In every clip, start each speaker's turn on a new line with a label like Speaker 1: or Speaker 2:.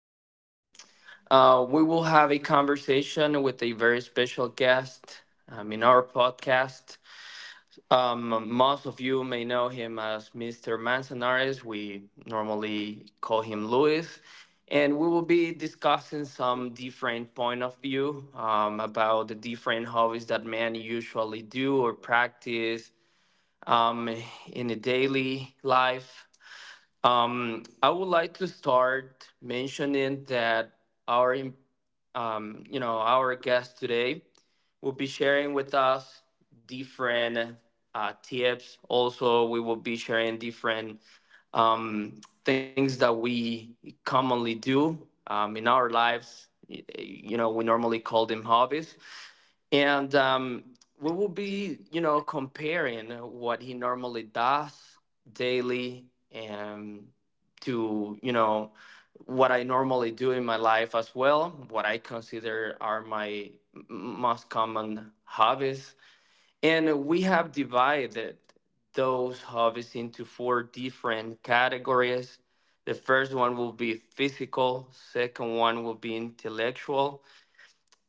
Speaker 1: today we will have a conversation with a very special guest in our podcast. Most of you may know him as Mr. Manzanares. We normally call him Luis. And we will be discussing some different point of view about the different hobbies that men usually do or practice um, in a daily life. I would like to start mentioning that our, our guest today will be sharing with us different tips. Also, we will be sharing different things that we commonly do in our lives. You know, we normally call them hobbies, and we will be, comparing what he normally does daily and to, what I normally do in my life as well, what I consider are my most common hobbies. And we have divided those hobbies into four different categories. The first one will be physical, second one will be intellectual,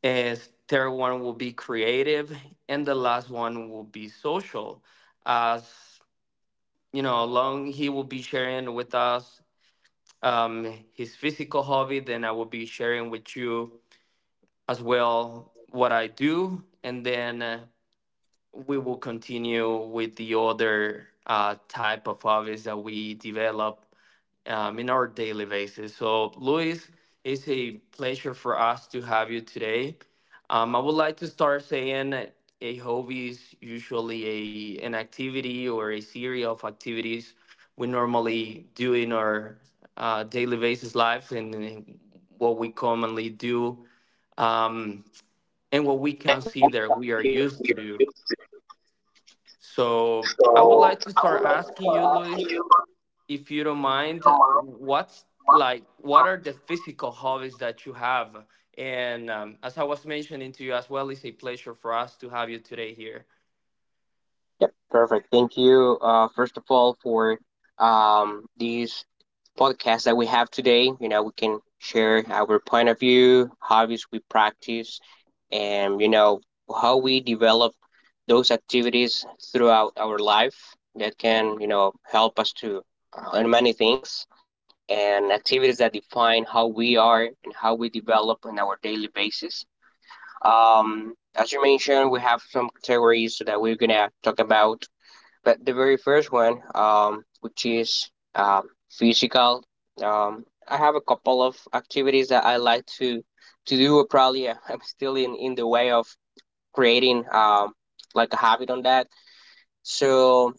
Speaker 1: is third one will be creative, and the last one will be social. As you know, along he will be sharing with us um, his physical hobby. Then I will be sharing with you as well what I do, and then we will continue with the other type of hobbies that we develop in our daily basis. So, Luis, it's a pleasure for us to have you today. I would like to start saying that a hobby is usually a an activity or a series of activities we normally do in our daily basis lives and in what we commonly do um, and what we
Speaker 2: And what we
Speaker 1: consider
Speaker 2: can
Speaker 1: we are
Speaker 2: see that
Speaker 1: used
Speaker 2: we
Speaker 1: to
Speaker 2: are
Speaker 1: do.
Speaker 2: used to.
Speaker 1: So I would
Speaker 2: So
Speaker 1: like to
Speaker 2: I
Speaker 1: start
Speaker 2: would like to
Speaker 1: asking
Speaker 2: start
Speaker 1: you,
Speaker 2: asking
Speaker 1: Luis,
Speaker 2: you if
Speaker 1: if you don't mind,
Speaker 2: Mark.
Speaker 1: what are the physical hobbies that you have? And as I was mentioning to you as well, it's a pleasure for us to have you today here.
Speaker 2: Yep, perfect. Thank you, first of all, for these podcasts that we have today. We can share our point of view, hobbies we practice, and how we develop those activities throughout our life that can help us to learn many things. And activities that define how we are and how we develop on our daily basis. As you mentioned, we have some categories that we're gonna talk about. But the very first one, which is physical, I have a couple of activities that I like to do. Probably I'm still in the way of creating like a habit on that. So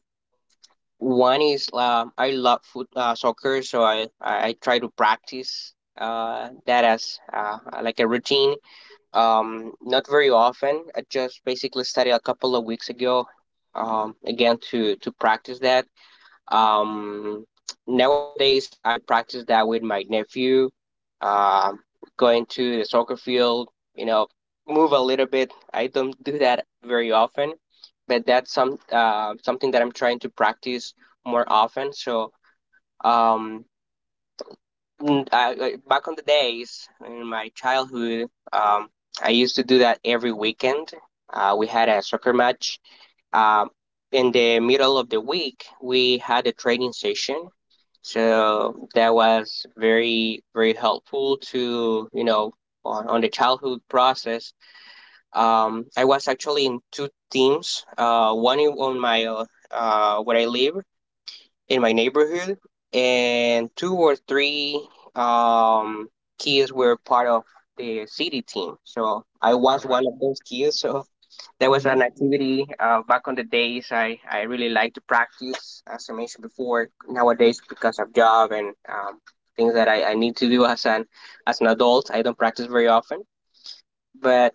Speaker 2: one is I love foot soccer, so I try to practice that as like a routine. Not very often. I just basically started a couple of weeks ago. Again to practice that. Um, nowadays, I practice that with my nephew, uh, going to the soccer field, you know, move a little bit. I don't do that very often, but that's something that I'm trying to practice more often. So, um, mm, back on the days in my childhood, um, I used to do that every weekend. We had a soccer match um, in the middle of the week, we had a training session. So that was very, very helpful to, on the childhood process. I was actually in two teams, one on where I live in my neighborhood, and two or three um, kids were part of the city team. So I
Speaker 1: All
Speaker 2: was one
Speaker 1: right.
Speaker 2: of those kids. So that was an
Speaker 1: Mm-hmm.
Speaker 2: activity back on the days I really like to practice, as I mentioned before. Nowadays, because of job and things that I need to do as an adult, I don't practice very often. But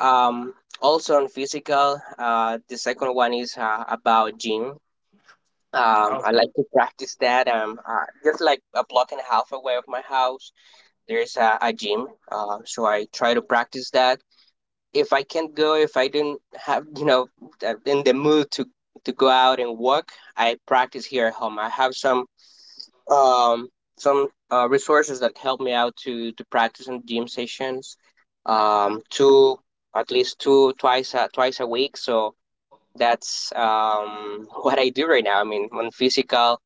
Speaker 2: um, also on physical, the second one is about gym. I
Speaker 1: Okay.
Speaker 2: like to practice that. Just like a block and a half away of my house, there's a gym. So I try to practice that if I can't go, if I don't have, in the mood to go out and walk, I practice here at home. I have um some resources that help me out to practice in gym sessions, two at least two twice a week. So that's what I do right now. I mean, on physical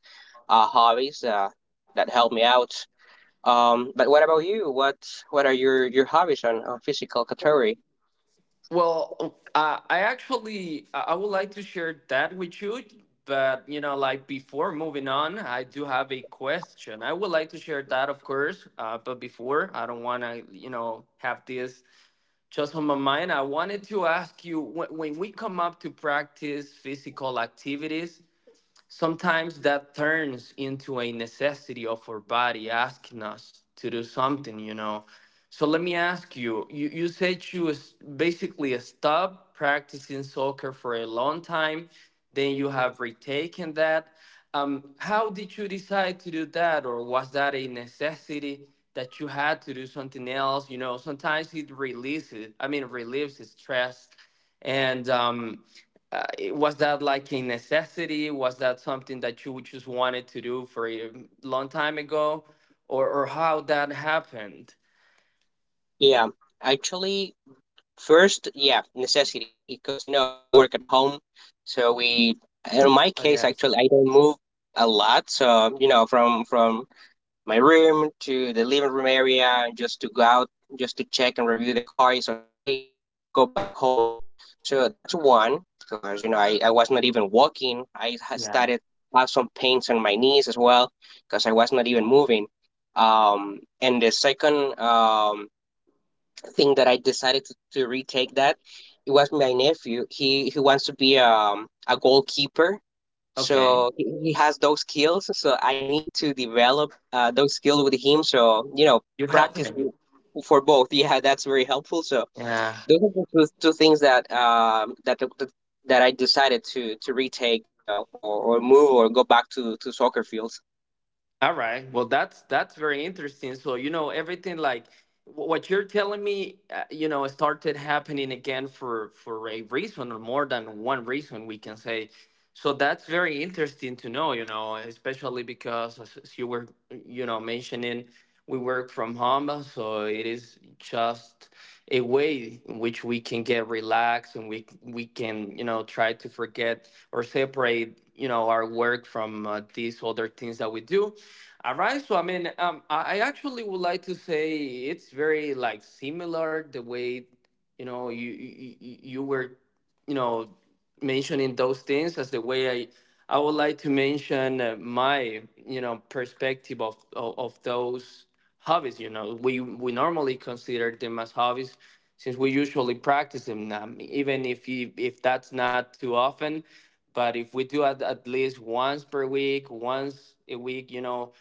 Speaker 2: uh, hobbies that help me out. But what about you? What are your hobbies on physical category?
Speaker 1: Well, I actually I would like to share that with you, but before moving on, I do have a question. I would like to share that, of course, but before, I don't want to, have this just on my mind. I wanted to ask you when, we come up to practice physical activities, sometimes that turns into a necessity of our body asking us to do something. So let me ask you, you said you basically stopped practicing soccer for a long time, then you have retaken that. How did you decide to do that, or was that a necessity that you had to do something else? You know, sometimes it releases, I mean, relieves stress. And uh, was that like a necessity? Was that something that you just wanted to do for a long time ago, or how that happened?
Speaker 2: Yeah, actually, first, yeah, necessity, because we work at home, so we. In my
Speaker 1: Oh,
Speaker 2: case,
Speaker 1: yeah,
Speaker 2: actually, I don't move a lot, so, from my room to the living room area, just to go out, just to check and review the car is okay, and go back home. So that's one, because I was not even walking. I had
Speaker 1: yeah.
Speaker 2: started to have some pains on my knees as well, because I was not even moving. And the second thing that I decided to retake that. It was my nephew. He wants to be a goalkeeper,
Speaker 1: Okay,
Speaker 2: so he has those skills. So I need to develop those skills with him. So you know,
Speaker 1: you helped
Speaker 2: practice
Speaker 1: him.
Speaker 2: for both. Yeah, that's very helpful. So
Speaker 1: Yeah.
Speaker 2: those are the two things that I decided to retake. Or move or go back to soccer fields.
Speaker 1: All right. Well, that's very interesting. So, you know, everything like what you're telling me, started happening again for a reason or more than one reason, we can say. So that's very interesting to know. You know, especially because as you were mentioning, we work from home, so it is just a way in which we can get relaxed, and we can try to forget or separate our work from these other things that we do. All right, so I mean, I actually would like to say it's very like similar the way you were you know mentioning those things as the way I would like to mention my perspective of those hobbies. You know, we normally consider them as hobbies since we usually practice them, even if that's not too often. But if we do at least once per week, once a week, you know,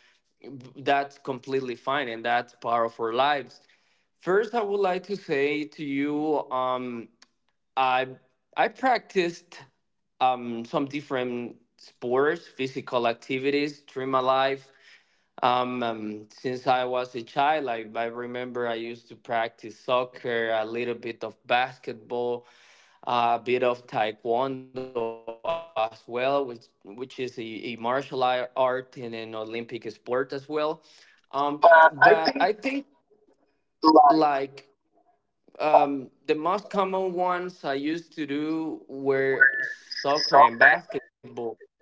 Speaker 1: that's completely fine, and that's part of our lives. First, I would like to say to you. I I practiced some different sports, physical activities during my life. Since I was a child, I remember I used to practice soccer, a little bit of basketball, a bit of taekwondo as well, which is a martial art and an Olympic sport as well. But I
Speaker 2: Uh, I
Speaker 1: think,
Speaker 2: think
Speaker 1: like,
Speaker 2: like
Speaker 1: the most common ones I used to do were
Speaker 2: where
Speaker 1: soccer and
Speaker 2: soccer
Speaker 1: basketball.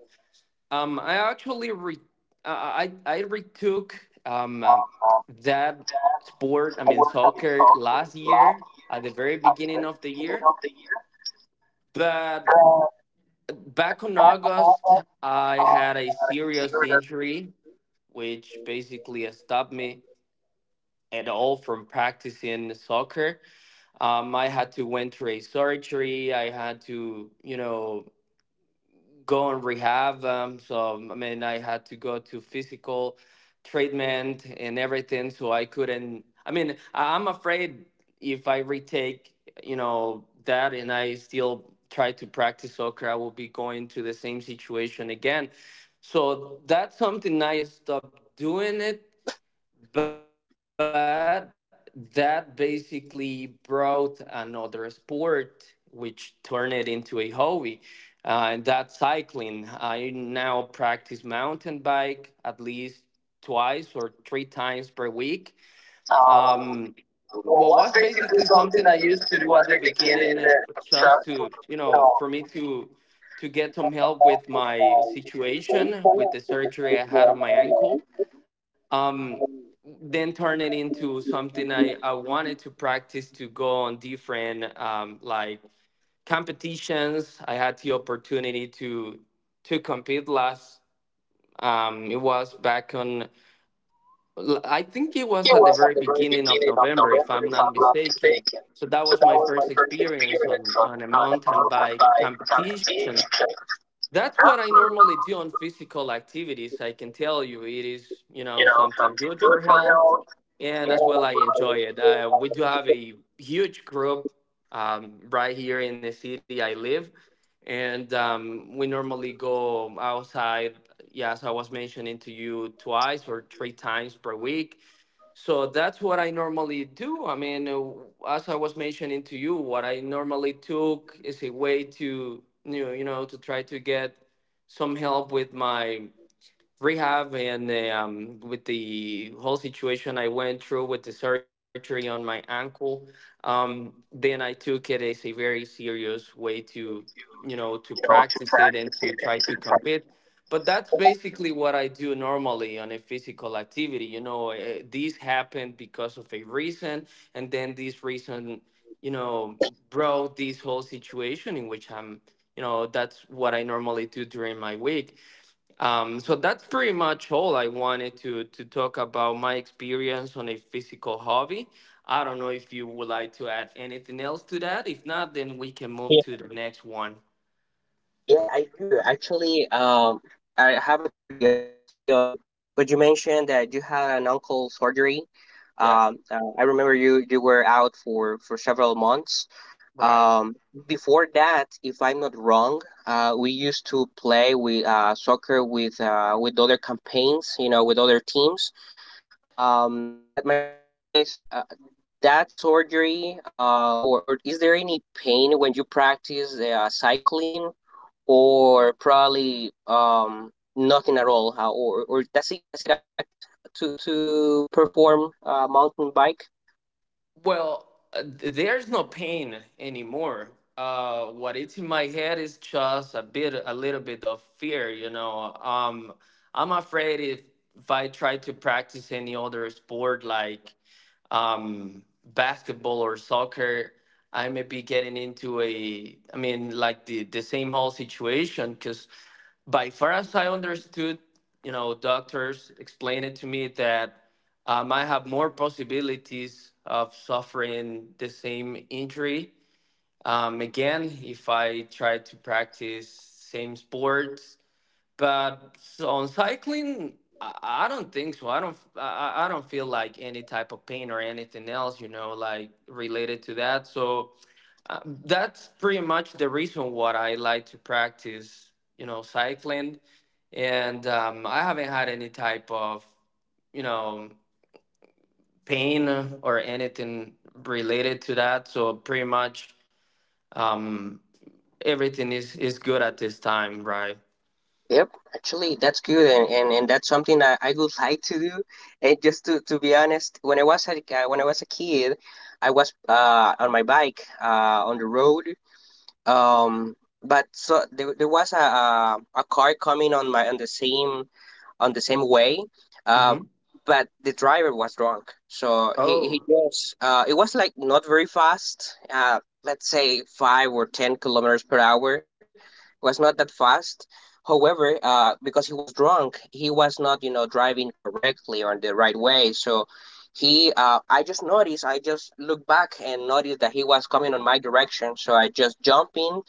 Speaker 1: I actually re I retook that sport. I mean,
Speaker 2: I worked
Speaker 1: soccer
Speaker 2: out
Speaker 1: last
Speaker 2: soccer
Speaker 1: year
Speaker 2: last
Speaker 1: at the
Speaker 2: year
Speaker 1: very
Speaker 2: at
Speaker 1: beginning
Speaker 2: the
Speaker 1: of the
Speaker 2: very
Speaker 1: year,
Speaker 2: beginning of the year.
Speaker 1: but
Speaker 2: Uh,
Speaker 1: back on
Speaker 2: back about
Speaker 1: August
Speaker 2: that,
Speaker 1: I
Speaker 2: uh,
Speaker 1: had a
Speaker 2: I
Speaker 1: serious
Speaker 2: serious.
Speaker 1: injury, which basically stopped me at all from practicing soccer. I had to went through a surgery. I had to, you know, go on rehab. So, I mean, I had to go to physical treatment and everything. So I couldn't. I mean, I'm afraid if I retake, you know, that and I still try to practice soccer, I will be going to the same situation again. So that's something I stopped doing it, but that basically brought another sport which turned it into a hobby, and that's cycling. I now practice mountain bike at least twice or three times per week.
Speaker 2: Um,
Speaker 1: um,
Speaker 2: well,
Speaker 1: what was
Speaker 2: was basically
Speaker 1: basically
Speaker 2: something
Speaker 1: something I
Speaker 2: I
Speaker 1: used
Speaker 2: used to
Speaker 1: to
Speaker 2: do
Speaker 1: do
Speaker 2: at
Speaker 1: at the
Speaker 2: the beginning.
Speaker 1: beginning,
Speaker 2: Just,
Speaker 1: just to, you
Speaker 2: you know,
Speaker 1: know, for me to get some
Speaker 2: help
Speaker 1: help
Speaker 2: with
Speaker 1: with my
Speaker 2: my
Speaker 1: situation with the surgery I had on my ankle. um, then turn it into something I wanted to practice, to go on different like competitions. I had the opportunity to compete last. It was back on, I think it
Speaker 2: It
Speaker 1: was
Speaker 2: was
Speaker 1: at the
Speaker 2: at the
Speaker 1: very
Speaker 2: very
Speaker 1: beginning
Speaker 2: beginning
Speaker 1: of
Speaker 2: of
Speaker 1: November,
Speaker 2: November,
Speaker 1: if
Speaker 2: if
Speaker 1: I'm
Speaker 2: I'm
Speaker 1: not
Speaker 2: not
Speaker 1: mistaken.
Speaker 2: mistaken.
Speaker 1: So
Speaker 2: So
Speaker 1: that
Speaker 2: that
Speaker 1: was
Speaker 2: was
Speaker 1: my
Speaker 2: my
Speaker 1: first
Speaker 2: first
Speaker 1: experience
Speaker 2: experience on,
Speaker 1: on a
Speaker 2: on the
Speaker 1: mountain
Speaker 2: mountain
Speaker 1: bike
Speaker 2: bike, on
Speaker 1: competition. That's what I normally do on physical activities. I can tell you it is, you
Speaker 2: you
Speaker 1: know,
Speaker 2: know,
Speaker 1: something
Speaker 2: something
Speaker 1: good
Speaker 2: good
Speaker 1: for
Speaker 2: for
Speaker 1: health,
Speaker 2: health. Yeah,
Speaker 1: and as well
Speaker 2: like,
Speaker 1: I
Speaker 2: I
Speaker 1: enjoy it. We do
Speaker 2: like,
Speaker 1: have a huge group right here in the city I live, and we normally go outside. Yes, I was mentioning to you twice or three times per week, so that's what I normally do. I mean, as I was mentioning to you, what I normally took is a way to you know to try to get some help with my rehab and with the whole situation I went through with the surgery on my ankle. Then I took it as a very serious way to, you know, to
Speaker 2: you know, to
Speaker 1: practice it and
Speaker 2: practice
Speaker 1: to
Speaker 2: it and
Speaker 1: try
Speaker 2: to
Speaker 1: to
Speaker 2: try.
Speaker 1: compete. But that's
Speaker 2: To.
Speaker 1: basically what I do normally on a physical activity. You know, this happened because of a reason, and then this reason, you know, brought this whole situation in which I'm, you know, that's what I normally do during my week, so that's pretty much all I wanted to talk about my experience on a physical hobby. I don't know if you would like to add anything else to that. If not, then we can move
Speaker 2: Yeah,
Speaker 1: to the next one.
Speaker 2: yeah, I do actually. I have a curiosity but you mentioned that you had an uncle surgery.
Speaker 1: Yeah,
Speaker 2: I remember you were out for several months.
Speaker 1: right.
Speaker 2: Um, before that, if I'm not wrong, we used to play with soccer with other campaigns, with other teams. But my question is. That surgery, or is there any pain when you practice cycling, or probably nothing at all? How, or does it affect to perform mountain bike?
Speaker 1: Well, there's no pain anymore. What it's in my head is just a bit, a little bit of fear. You know, I'm afraid if I try to practice any other sport, like, basketball or soccer, I may be getting into a, I mean, like the same whole situation. Because by far as I understood, you know, doctors explained it to me that I have more possibilities of suffering the same injury. Again, if I try to practice same sports, but so on cycling, I don't think so. I don't. I don't feel like any type of pain or anything else, you know, like related to that. So that's pretty much the reason what I like to practice, you know, cycling. And I haven't had any type of, you know, pain or anything related to that. So pretty much um, everything is good at this time, right?
Speaker 2: Yep, actually, that's good, and that's something that I would like to do. And just to be honest, when I was a kid, I was on my bike on the road. Um, but so there was a car coming on the same way, uh,
Speaker 1: Mm-hmm.
Speaker 2: but the driver was drunk, so he
Speaker 1: Oh,
Speaker 2: just it was like not very fast. Let's say 5 or 10 km per hour, it was not that fast. However, because he was drunk, he was not driving correctly or the right way. So he I just noticed, I just looked back and noticed that he was coming on my direction. So I just jumped in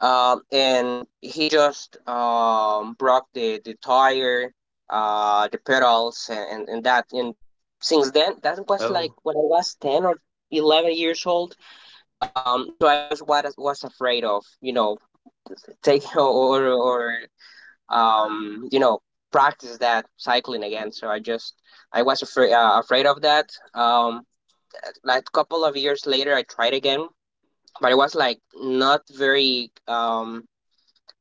Speaker 2: um, and he just broke the tire, the pedals, and that. And since then, that was like
Speaker 1: oh,
Speaker 2: when I was 10 or 11 years old. So I just was afraid of taking or um you know practice that cycling again. So I was afraid of that. Um, like a couple of years later, I tried again, but it was like not very um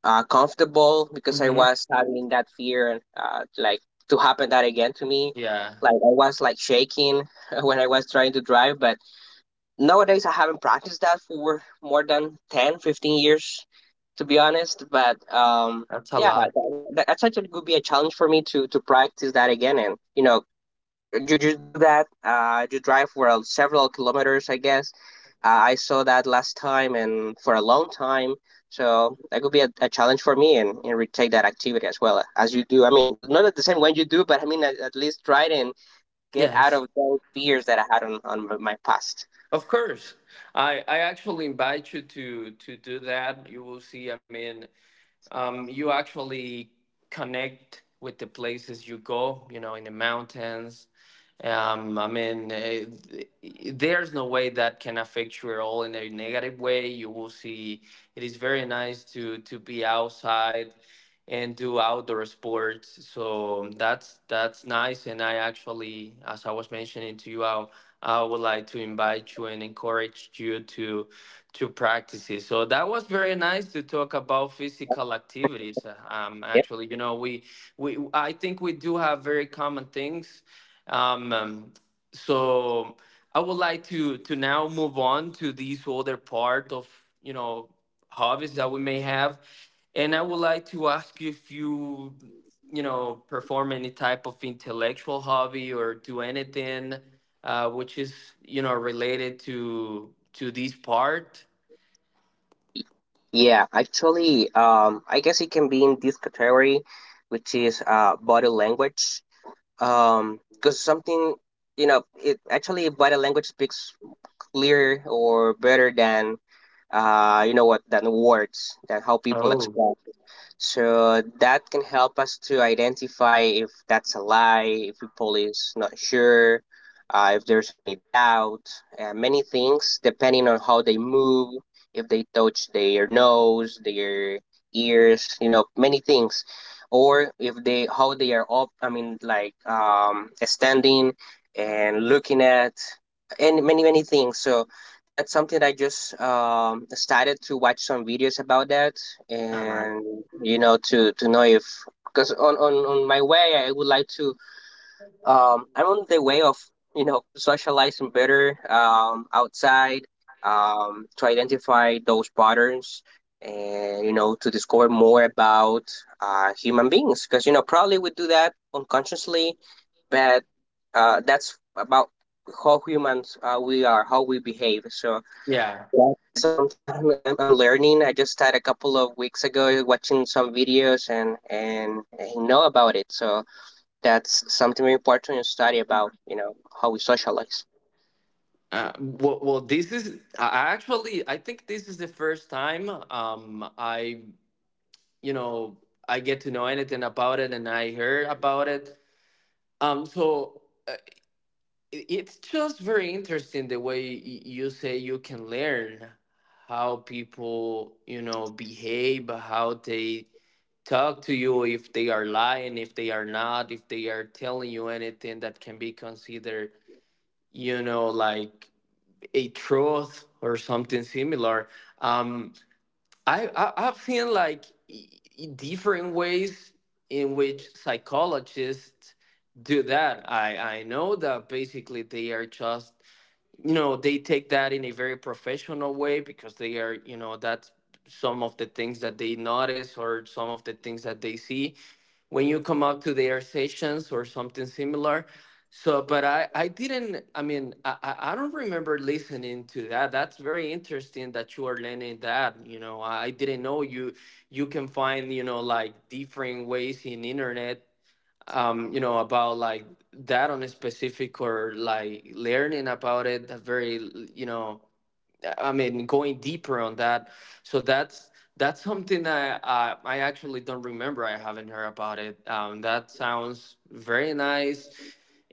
Speaker 2: uh, comfortable because I
Speaker 1: mm-hmm.
Speaker 2: was having that fear like to happen that again to me.
Speaker 1: Yeah,
Speaker 2: Like I was like shaking when I was trying to drive, but nowadays I haven't practiced that for more than 10, 15 years, to be honest. But
Speaker 1: that's a
Speaker 2: yeah,
Speaker 1: lot.
Speaker 2: that's actually could be a challenge for me to practice that again, and you do that, you drive for several kilometers, I guess, I saw that last time and for a long time. So that could be a challenge for me and retake that activity as well as you do. I mean, not at the same way you do, but I mean, at least try it and get out
Speaker 1: Yes,
Speaker 2: of those fears that I had on my past.
Speaker 1: of course. I actually invite you to do that. You will see. I mean, you actually connect with the places you go. You know, in the mountains. I mean, there's no way that can affect you at all in a negative way. You will see. It is very nice to be outside and do outdoor sports. So that's nice. And I actually, as I was mentioning to you, I would like to invite you and encourage you to practice it. So that was very nice to talk about physical activities.
Speaker 2: Yeah.
Speaker 1: Actually, you know, we I think we do have very common things. Um, um, so I would like to now move on to these other part of you know hobbies that we may have, and I would like to ask you if you, you know, perform any type of intellectual hobby or do anything which is, you know, related to this part.
Speaker 2: Yeah, actually, I guess it can be in this category, which is body language. Because something, it actually body language speaks clearer or better than you know what, than words, than how people
Speaker 1: Oh,
Speaker 2: express it. So that can help us to identify if that's a lie, if people is not sure, if there's any doubt, many things depending on how they move, if they touch their nose, their ears, many things. Or if they how they are up, I mean, like standing and looking at, and many things. So that's something I just started to watch some videos about that,
Speaker 1: all right,
Speaker 2: and to know if because on my way I would like to I'm on the way of socializing better outside to identify those patterns and you know to discover more about human beings because probably we do that unconsciously but that's about how humans we are, how we behave. So
Speaker 1: yeah.
Speaker 2: something I'm learning. I just started a couple of weeks ago watching some videos and I know about it. So that's something very important to study about. You know how we socialize.
Speaker 1: Well, this is, I think this is the first time I, you know, I get to know anything about it, and I heard about it, um, so it's just very interesting the way you say you can learn how people, you know, behave, how they talk to you, if they are lying, if they are not, if they are telling you anything that can be considered, you know, like a truth or something similar. Um, I've seen like i- different ways in which psychologists do that. I know that basically they are just, you know, they take that in a very professional way, because they are, you know, that's some of the things that they notice or some of the things that they see when you come up to the air sessions or something similar. So, but I didn't, I mean, I don't remember listening to that. That's very interesting that you are learning that. You know, I didn't know you, you can find, you know, like different ways in internet, you know, about like that on a specific or like learning about it, a very, you know, I mean, going deeper on that. So that's something that I actually don't remember. I haven't heard about it. That sounds very nice.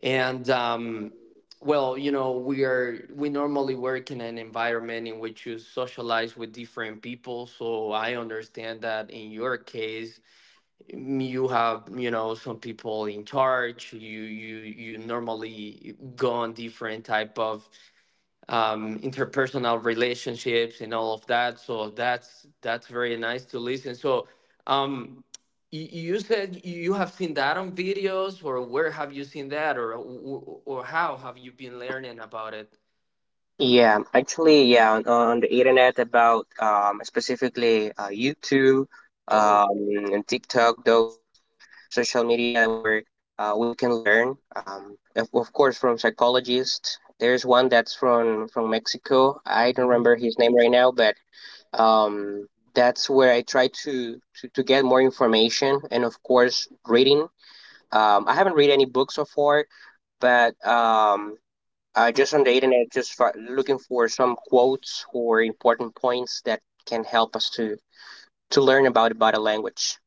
Speaker 1: And well, you know, we normally work in an environment in which you socialize with different people. So I understand that in your case, you have, you know, some people in charge. You normally go on different type of interpersonal relationships and all of that. So that's very nice to listen. So um, you said you have seen that on videos, or where have you seen that, or or how have you been learning about it?
Speaker 2: Yeah, actually, yeah, on the internet about specifically YouTube
Speaker 1: Oh.
Speaker 2: um, and TikTok, those social media where we can learn, of course, from psychologists. There's one that's from Mexico. I don't
Speaker 1: Mhm.
Speaker 2: remember his name right now, but um, that's where I try to get more information and of course reading. I haven't read any books so far, but I just on the internet just looking for some quotes or important points that can help us to learn about a language.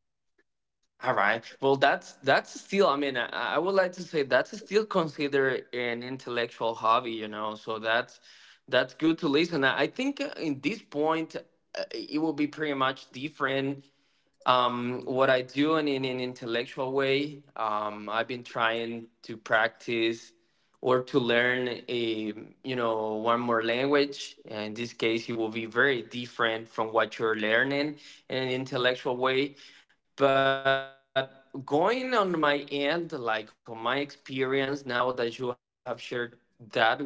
Speaker 1: All right. Well, that's still, I mean, I would like to say that's still considered an intellectual hobby, you know. So that's good to listen. I think in this point, it will be pretty much different. What I do in an intellectual way, I've been trying to practice or to learn a, you know, one more language. And in this case, it will be very different from what you're learning in an intellectual way. But going on my end, like on my experience, now that you have shared that with us,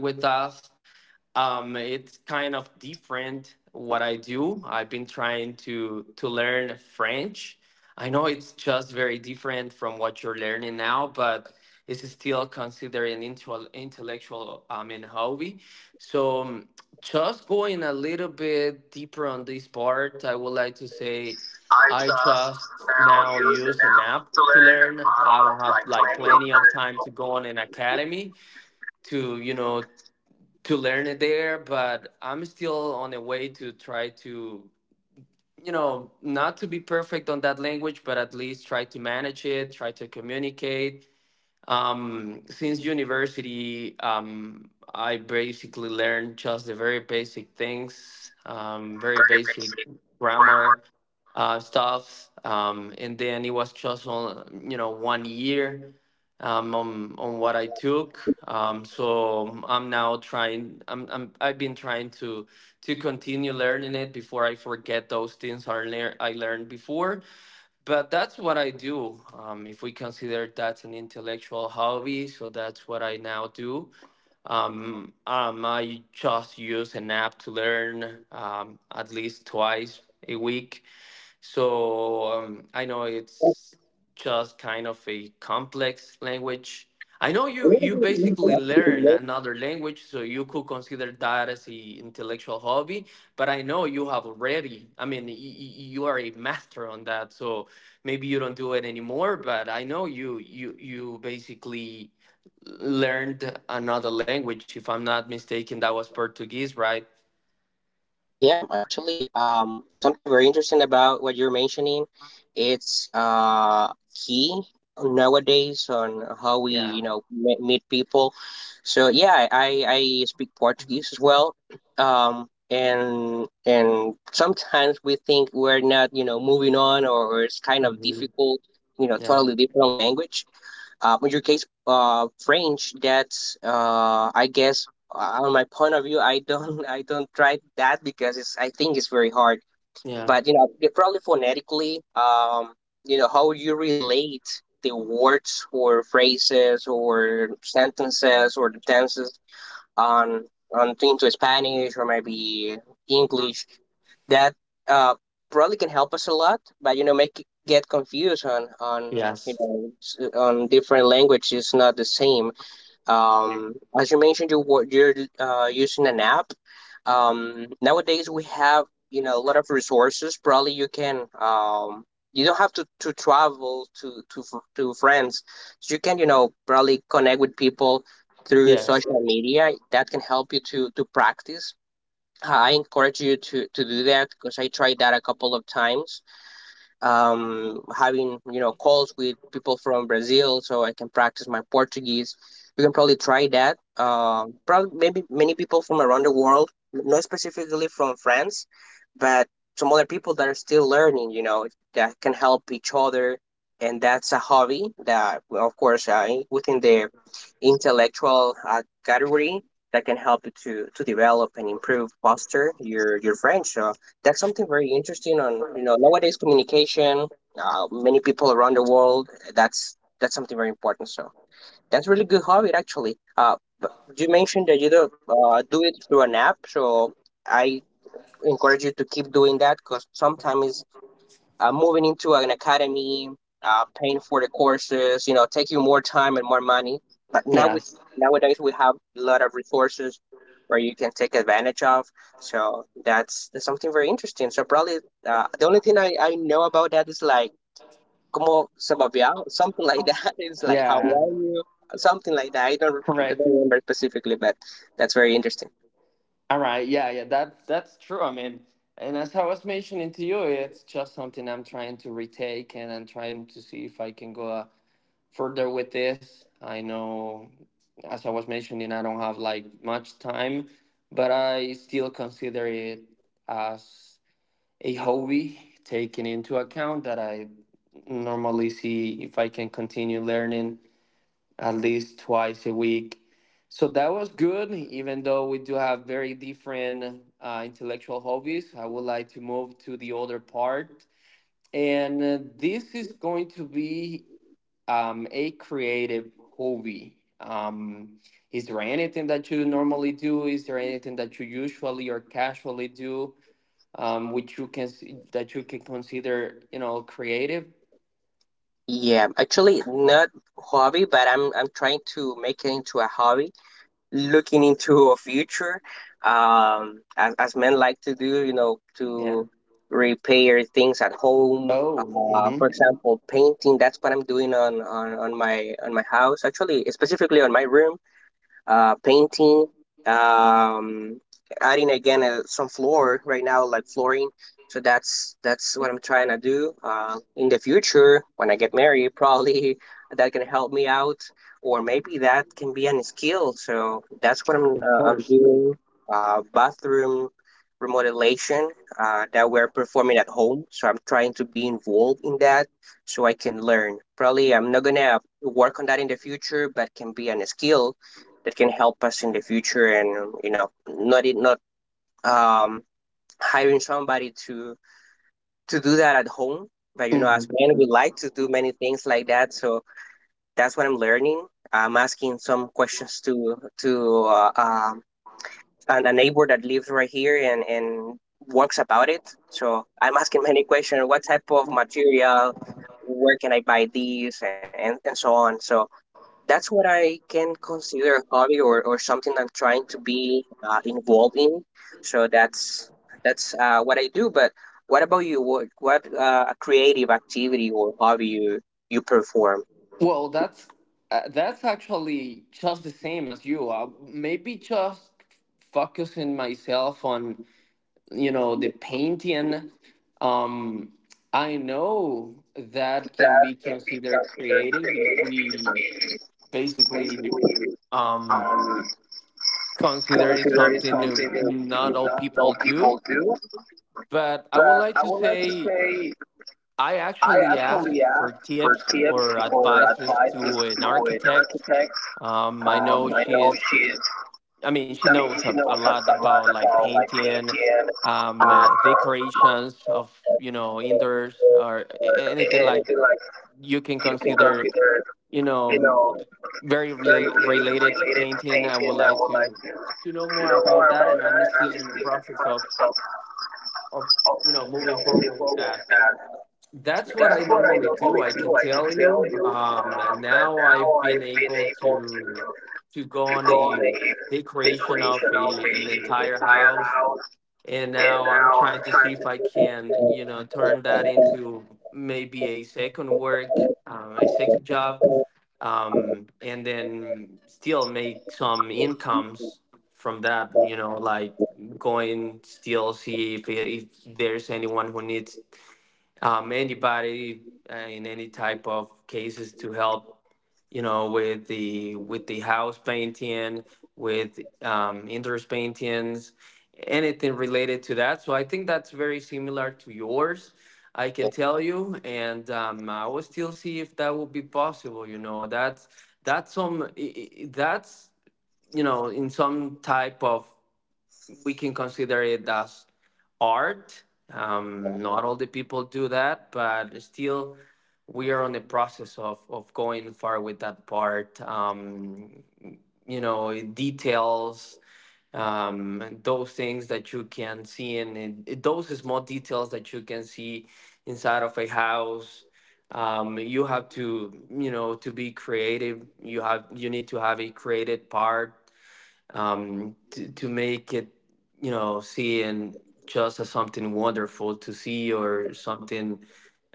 Speaker 1: it's kind of different what I do. I've been trying to learn French. I know it's just very different from what you're learning now, but it's still considered an intellectual and hobby. So just going a little bit deeper on this part, I would like to say I
Speaker 2: I just
Speaker 1: just now
Speaker 2: now
Speaker 1: use
Speaker 2: use
Speaker 1: an
Speaker 2: an
Speaker 1: app
Speaker 2: app
Speaker 1: to
Speaker 2: to learn.
Speaker 1: learn. I
Speaker 2: I
Speaker 1: don't
Speaker 2: don't
Speaker 1: have
Speaker 2: have
Speaker 1: like
Speaker 2: like plenty
Speaker 1: plenty of
Speaker 2: of
Speaker 1: time to go on an academy to, you know, to learn it there, but I'm still on the way to try to, you know, not to be perfect on that language, but at least try to manage it, try to communicate since university, I basically learned just the very basic things, very
Speaker 2: very
Speaker 1: basic
Speaker 2: basic.
Speaker 1: grammar stuff, and then it was just on, you know, 1 year on what I took. So I'm now trying. I've been trying to continue learning it before I forget those things I learned before. But that's what I do. If we consider that an intellectual hobby, so that's what I now do. I just use an app to learn at least twice a week. So I know it's just kind of a complex language. I know you, you basically learn another language, so you could consider that as a intellectual hobby. But I know you have already. I mean, you are a master on that, so maybe you don't do it anymore. But I know you basically learned another language. If I'm not mistaken, that was Portuguese, right?
Speaker 2: Yeah, actually, something very interesting about what you're mentioning, it's key nowadays on how we, you
Speaker 1: Yeah.
Speaker 2: know, meet people. So yeah, I speak Portuguese as well. And sometimes we think we're not, you know, moving on or it's kind of
Speaker 1: Mhm.
Speaker 2: difficult, you know,
Speaker 1: Yeah.
Speaker 2: totally different language in your case, French. That's I guess on my point of view, I don't I don't try that because it's, I think it's very hard.
Speaker 1: Yeah.
Speaker 2: But you know, yeah, probably phonetically, you know how you relate the words or phrases or sentences or the tenses on on into Spanish or maybe English, that uh, probably can help us a lot. But you know, make it, get confused on, you
Speaker 1: Yes.
Speaker 2: know, on different languages, not the same as you mentioned, you were you're using an app. Nowadays we have, you know, a lot of resources. Probably you can, you don't have to travel to friends, so you can, you know, probably connect with people through
Speaker 1: Yes.
Speaker 2: social media that can help you to practice. I encourage you to do that, because I tried that a couple of times. Having, you know, calls with people from Brazil so I can practice my Portuguese. You can probably try that. Probably maybe many people from around the world, not specifically from France, but some other people that are still learning, you know, that can help each other. And that's a hobby that, well, of course, within the intellectual category, that can help you to develop and improve faster your French. So that's something very interesting on, you know, nowadays communication, many people around the world. That's something very important. So that's really good hobby, actually, but you mentioned that you do do it through an app, so I encourage you to keep doing that, because sometimes moving into an academy, paying for the courses, you know, taking more time and more money. But now with
Speaker 1: Yes.
Speaker 2: nowadays, we have a lot of resources where you can take advantage of. So that's something very interesting. So probably the only thing I know about that is like como se babea, something like that. It's like how
Speaker 1: Yeah.
Speaker 2: are you, something like that. I don't
Speaker 1: Correct.
Speaker 2: remember specifically, but that's very interesting.
Speaker 1: All right. Yeah. Yeah. That that's true. I mean, and as I was mentioning to you, it's just something I'm trying to retake, and I'm trying to see if I can go further with this. I know, as I was mentioning, I don't have like much time, but I still consider it as a hobby, taking into account that I normally see if I can continue learning at least twice a week. So that was good, even though we do have very different intellectual hobbies. I would like to move to the other part. And this is going to be a creative hobby. Is there anything that you normally do? Is there anything that you usually or casually do, which you can that you can consider, you know, creative?
Speaker 2: Yeah, actually not hobby, but I'm trying to make it into a hobby, looking into a future as men like to do, you know, to
Speaker 1: Yeah.
Speaker 2: repair things at home,
Speaker 1: Oh. Mhm.
Speaker 2: for example painting. That's what I'm doing on my house, actually specifically on my room, painting, um, adding again some floor right now, like flooring. So that's what I'm trying to do. In the future, when I get married, probably that can help me out, or maybe that can be a skill. So that's what
Speaker 1: Of course.
Speaker 2: I'm doing. Bathroom remodelation that we're performing at home. So I'm trying to be involved in that so I can learn. Probably I'm not gonna work on that in the future, but can be a skill that can help us in the future, and you know, not it, not um hiring somebody to do that at home. But you know, as men, we like to do many things like that. So that's what I'm learning. I'm asking some questions to a neighbor that lives right here and works about it. So I'm asking many questions: what type of material, where can I buy these, and so on. So that's what I can consider a hobby, or something I'm trying to be involved in. So that's what I do. But what about you? What a creative activity or hobby you perform,
Speaker 1: Well, that's actually just the same as you. Maybe just focusing myself on, you know, the painting. Um, I know that can
Speaker 2: that
Speaker 1: be
Speaker 2: can be
Speaker 1: considered
Speaker 2: considered
Speaker 1: creative if
Speaker 2: creative, because
Speaker 1: we
Speaker 2: we
Speaker 1: basically
Speaker 2: basically
Speaker 1: um,
Speaker 2: um,
Speaker 1: consider it
Speaker 2: consider it
Speaker 1: something new,
Speaker 2: something that
Speaker 1: not all
Speaker 2: not
Speaker 1: people
Speaker 2: all
Speaker 1: do.
Speaker 2: people do?
Speaker 1: But I would
Speaker 2: But
Speaker 1: like
Speaker 2: I
Speaker 1: to
Speaker 2: would like to
Speaker 1: say
Speaker 2: say,
Speaker 1: I
Speaker 2: I
Speaker 1: actually asked
Speaker 2: actually
Speaker 1: for
Speaker 2: asked for
Speaker 1: tips
Speaker 2: tips
Speaker 1: or
Speaker 2: or
Speaker 1: advices
Speaker 2: advices
Speaker 1: to an
Speaker 2: to an
Speaker 1: architect.
Speaker 2: architect.
Speaker 1: I know
Speaker 2: I
Speaker 1: she
Speaker 2: know
Speaker 1: is.
Speaker 2: she's,
Speaker 1: I mean, she
Speaker 2: I mean,
Speaker 1: knows
Speaker 2: she
Speaker 1: a
Speaker 2: knows that
Speaker 1: lot
Speaker 2: a lot
Speaker 1: about like
Speaker 2: about like
Speaker 1: painting,
Speaker 2: the Indian uh,
Speaker 1: decorations of, you know, indoors or
Speaker 2: or
Speaker 1: anything like
Speaker 2: anything like,
Speaker 1: you can
Speaker 2: you can
Speaker 1: consider,
Speaker 2: consider,
Speaker 1: you know,
Speaker 2: you know,
Speaker 1: very
Speaker 2: very
Speaker 1: related to
Speaker 2: related to
Speaker 1: painting. I would
Speaker 2: painting. I
Speaker 1: like
Speaker 2: would like
Speaker 1: to know
Speaker 2: to
Speaker 1: more
Speaker 2: know
Speaker 1: about
Speaker 2: more
Speaker 1: that,
Speaker 2: about
Speaker 1: and I'm
Speaker 2: that. I'm
Speaker 1: still in the
Speaker 2: still in the
Speaker 1: process of
Speaker 2: process
Speaker 1: of you know
Speaker 2: you know,
Speaker 1: moving
Speaker 2: moving
Speaker 1: forward with
Speaker 2: forward
Speaker 1: that.
Speaker 2: with that.
Speaker 1: That's what I
Speaker 2: That's what I
Speaker 1: normally do,
Speaker 2: normally
Speaker 1: I
Speaker 2: do.
Speaker 1: can
Speaker 2: I can
Speaker 1: tell
Speaker 2: tell
Speaker 1: you.
Speaker 2: you
Speaker 1: And
Speaker 2: that
Speaker 1: now
Speaker 2: now
Speaker 1: I've been
Speaker 2: I've been
Speaker 1: able
Speaker 2: able
Speaker 1: to go
Speaker 2: to
Speaker 1: on
Speaker 2: go on
Speaker 1: a
Speaker 2: a the
Speaker 1: decoration of
Speaker 2: creation of
Speaker 1: a,
Speaker 2: a
Speaker 1: an entire
Speaker 2: entire
Speaker 1: house,
Speaker 2: house.
Speaker 1: and
Speaker 2: And
Speaker 1: now I'm
Speaker 2: now
Speaker 1: trying
Speaker 2: I'm
Speaker 1: to see
Speaker 2: trying
Speaker 1: if I
Speaker 2: to.
Speaker 1: can, you know, turn that into maybe a second work, a second job, and then still make some incomes from that. You know, like going still see if there's anyone who needs anybody in any type of cases to help, you know, with the house painting, with interest paintings, anything related to that. So I think that's very similar to yours, I can tell you, and I will still see if that will be possible. You know, that's some that's, you know, in some type of we can consider it as art. Not all the people do that, but still, we are on the process of going far with that part. You know, details, and those things that you can see, in those small details that you can see inside of a house. You have to, you know, to be creative. You have you need to have a creative part to make it, you know, seeing just as something wonderful to see, or something,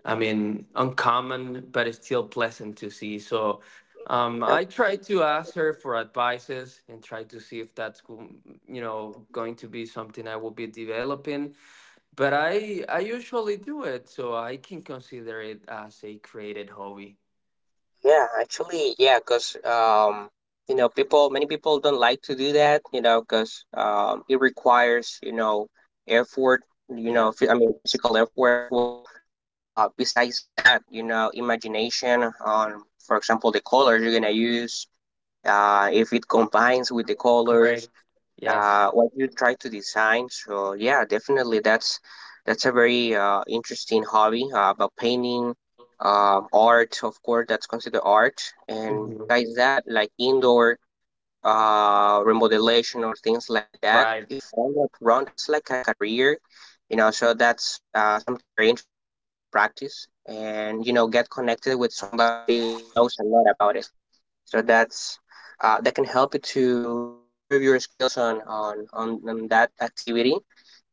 Speaker 1: I mean, uncommon, but it's still pleasant to see. So
Speaker 2: Yep.
Speaker 1: I try to ask her for advices and try to see if that's, you know, going to be something I will be developing. But I usually do it, so I can consider it as a created hobby.
Speaker 2: Yeah, actually, yeah, because you know, many people don't like to do that, you know, because it requires, you know, effort, you know,
Speaker 1: Yes,
Speaker 2: I mean, physical effort as well. Besides that, you know, imagination on, for example, the colors you're gonna use. If it combines with the colors,
Speaker 1: correct. Yes.
Speaker 2: what you try to design. So yeah, definitely that's a very interesting hobby about painting, art. Of course, that's considered art. And
Speaker 1: Mhm.
Speaker 2: besides that, like indoor remodelation or things like that.
Speaker 1: Right.
Speaker 2: If I'm not wrong, that's like a career, you know. So that's something very interesting to try to practice, and you know, get connected with somebody that knows a lot about it. So that's that can help you to improve your skills on that activity,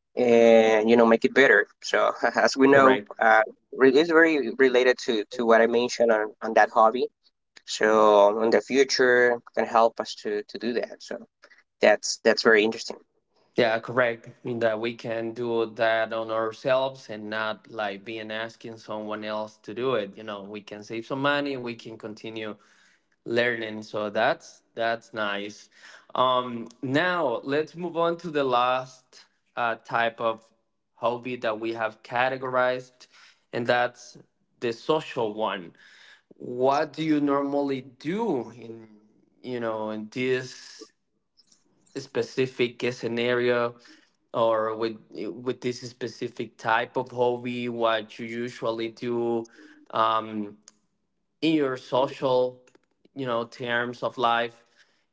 Speaker 2: and you know, make it better. So as we know,
Speaker 1: Correct.
Speaker 2: it's very related to what I mentioned on that hobby. So in the future, can help us to do that. So that's very interesting.
Speaker 1: Yeah, correct. In that we can do that on ourselves and not like being asking someone else to do it. You know, we can save some money, we can continue learning. So that's nice. Now let's move on to the last type of hobby that we have categorized, and that's the social one. What do you normally do in, you know, in this specific scenario, or with this specific type of hobby, what you usually do um, in your social, you know, terms of life,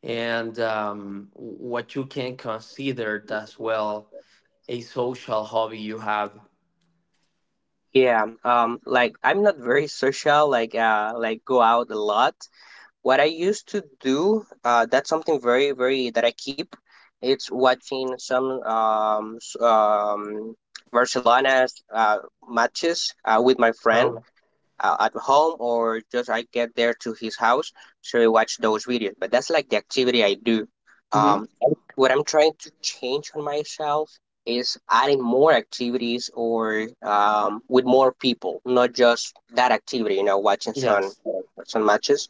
Speaker 1: and what you can consider as well a social hobby you have?
Speaker 2: Yeah, like I'm not very social, like go out a lot. What I used to do, that's something very, very that I keep. It's watching some Barcelona uh, matches with my friend
Speaker 1: Oh.
Speaker 2: at home, or just I get there to his house, so we watch those videos. But that's like the activity I do. Um,
Speaker 1: Hmm.
Speaker 2: what I'm trying to change on myself is adding more activities, or with more people, not just that activity. You know, watching
Speaker 1: Yes.
Speaker 2: some matches,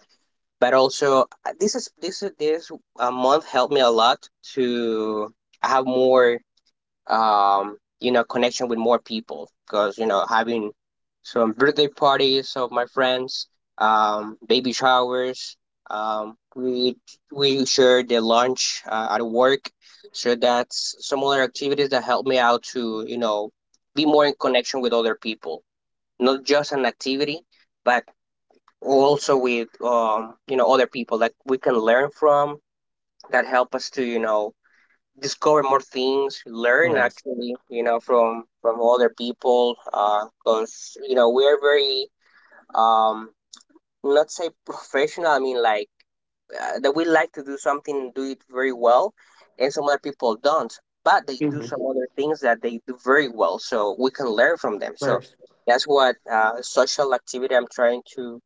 Speaker 2: but also this is this month helped me a lot to have more you know, connection with more people, because you know, having some birthday parties of my friends, baby showers, um we we shared the lunch at work. So that's some other activities that help me out to, you know, be more in connection with other people, not just an activity, but also with, you know, other people that we can learn from, that help us to, you know, discover more things, learn
Speaker 1: Yes.
Speaker 2: actually, you know, from other people. Because you know, we're very um not say professional, I mean, like that we like to do something, do it very well, and some other people don't, but they do
Speaker 1: Hmm.
Speaker 2: some other things that they do very well. So we can learn from them. So
Speaker 1: First.
Speaker 2: that's what social activity I'm trying to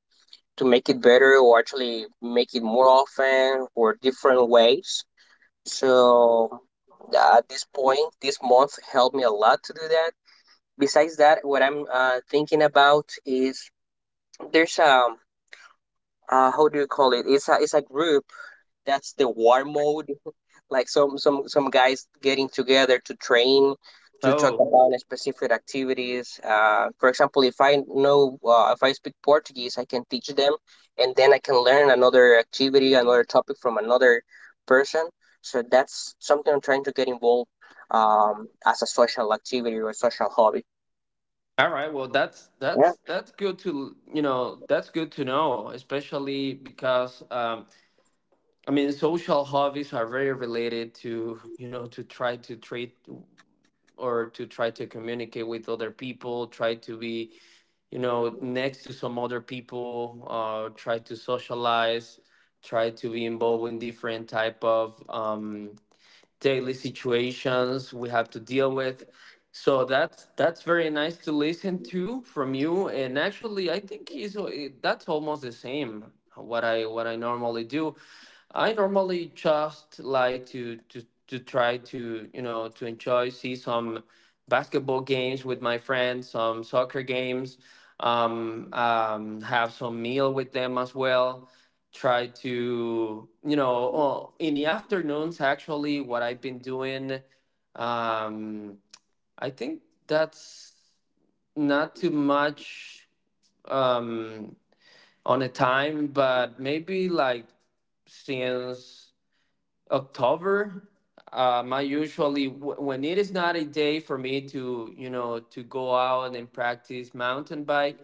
Speaker 2: make it better, or actually make it more often or different ways. So at this point, this month helped me a lot to do that. Besides that, what I'm thinking about is, there's a how do you call it? It's a group, that's the war mode, like some guys getting together to train, to talk
Speaker 1: Oh.
Speaker 2: about specific activities. For example, if I know if I speak Portuguese, I can teach them, and then I can learn another activity, another topic from another person. So that's something I'm trying to get involved as a social activity or social hobby.
Speaker 1: All right. Well, that's
Speaker 2: Yeah,
Speaker 1: that's good to, you know, that's good to know, especially because I mean social hobbies are very related to, you know, to try to treat or to try to communicate with other people, try to be, you know, next to some other people, try to socialize, try to be involved in different type of daily situations we have to deal with. So that's very nice to listen to from you. And actually, I think he's that's almost the same what I normally do. I normally just like to try to, you know, to enjoy see some basketball games with my friends, some soccer games, have some meal with them as well. Try to, you know, oh, in the afternoons, actually, what I've been doing. Um, I think that's not too much um, on a time, but maybe like since October. I usually, when it is not a day for me to, you know, to go out and practice mountain bike,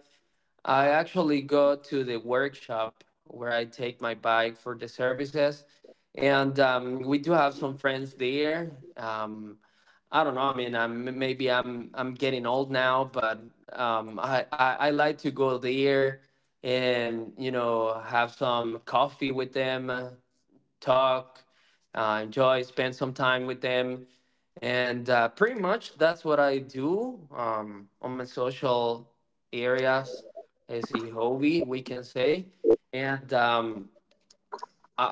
Speaker 1: I actually go to the workshop where I take my bike for the services, and we do have some friends there. Um, I don't know. I mean, I'm, maybe I'm getting old now, but I like to go there and, you know, have some coffee with them, talk, enjoy, spend some time with them. And pretty much that's what I do on my social areas as a hobby, we can say. And I,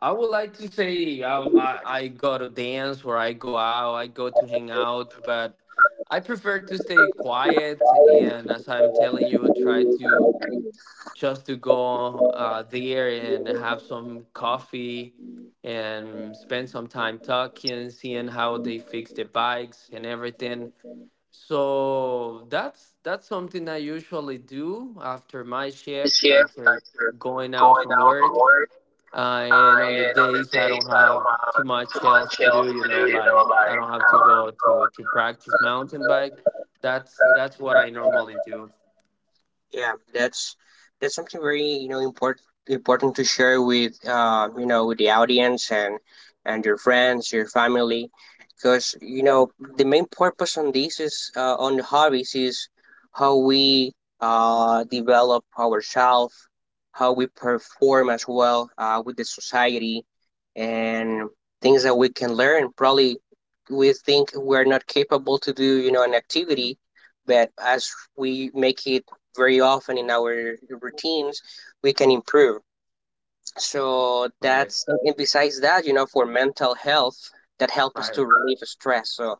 Speaker 1: I would like to say I go to dance, or I go out, I go to hang out, but I prefer to stay quiet. And as I'm telling you, try to just to go there and have some coffee and spend some time talking, seeing how they fix the bikes and everything. So that's something I usually do after my
Speaker 2: the
Speaker 1: shift. I
Speaker 2: shift
Speaker 1: take
Speaker 2: after
Speaker 1: going out
Speaker 2: going
Speaker 1: from
Speaker 2: out from
Speaker 1: work,
Speaker 2: work. Uh,
Speaker 1: and on the
Speaker 2: and on the
Speaker 1: days I
Speaker 2: days
Speaker 1: don't
Speaker 2: I don't
Speaker 1: have
Speaker 2: have
Speaker 1: too
Speaker 2: too
Speaker 1: much
Speaker 2: much
Speaker 1: else to
Speaker 2: else
Speaker 1: do. You
Speaker 2: to
Speaker 1: know,
Speaker 2: do, you know,
Speaker 1: like I
Speaker 2: like
Speaker 1: don't have to go to practice mountain bike. That's what I normally do.
Speaker 2: yeah, that's something very, you know, important, important to share with, you know, with the audience and your friends, your family, because you know, the main purpose on this is on the hobbies is how we develop ourselves, how we perform as well with the society, and things that we can learn. Probably we think we're not capable to do, you know, an activity, but as we make it very often in our routines, we can improve. So
Speaker 1: Correct.
Speaker 2: that's, and besides that, you know, for mental health, that help us to
Speaker 1: Right.
Speaker 2: relieve stress. So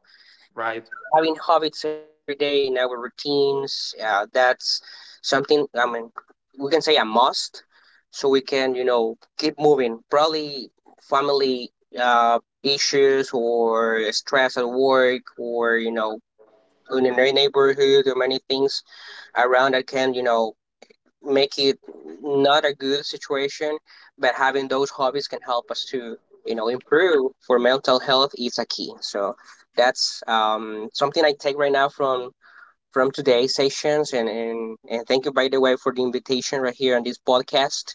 Speaker 1: Right.
Speaker 2: having habits in every day in our routines, that's something, I mean, we can say a must, so we can, you know, keep moving. Probably family issues or stress at work, or you know, in the neighborhood, or many things around that can, you know, make it not a good situation, but having those hobbies can help us to, you know, improve. For mental health is a key. So that's something I take right now from today's sessions, and thank you, by the way, for the invitation right here on this podcast.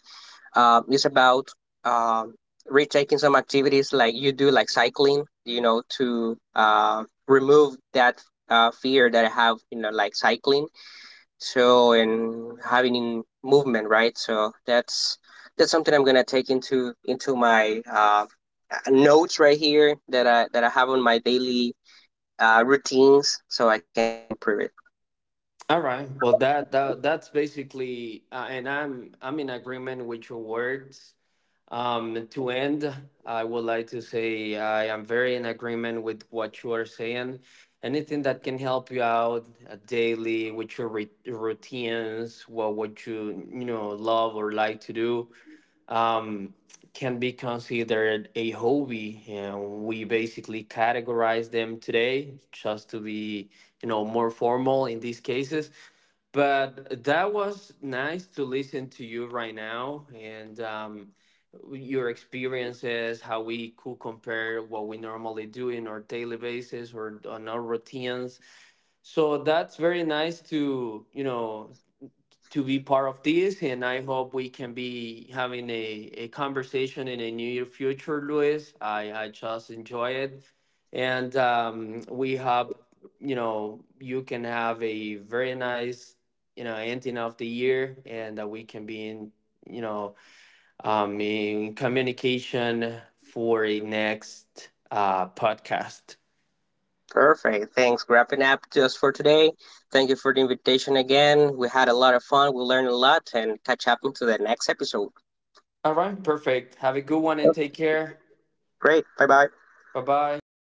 Speaker 2: It's about um, retaking some activities like you do, like cycling, you know, to remove that fear that I have, you know, like cycling, so and having in movement, right? So that's something I'm gonna take into my notes right here that I that I have on my daily routines, so I can improve it.
Speaker 1: All right. Well, that that's basically, and I'm in agreement with your words. To end, I would like to say I am very in agreement with what you are saying. Anything that can help you out daily with your routines, what you, you know, love or like to do, um, can be considered a hobby, and we basically categorize them today just to be, you know, more formal in these cases, but that was nice to listen to you right now and your experiences, how we could compare what we normally do in our daily basis or on our routines. So that's very nice to, you know, to be part of this, and I hope we can be having a conversation in a near future, Luis. I just enjoy it, and we hope, you know, you can have a very nice, you know, ending of the year, and that we can be in, you know, in communication for a next podcast.
Speaker 2: Perfect, thanks. Wrapping up just for today, thank you for the invitation again. We had a lot of fun, we learned a lot, and catch up into the next episode.
Speaker 1: All right, perfect. Have a good one and take care.
Speaker 2: Great, bye bye.
Speaker 1: Bye bye.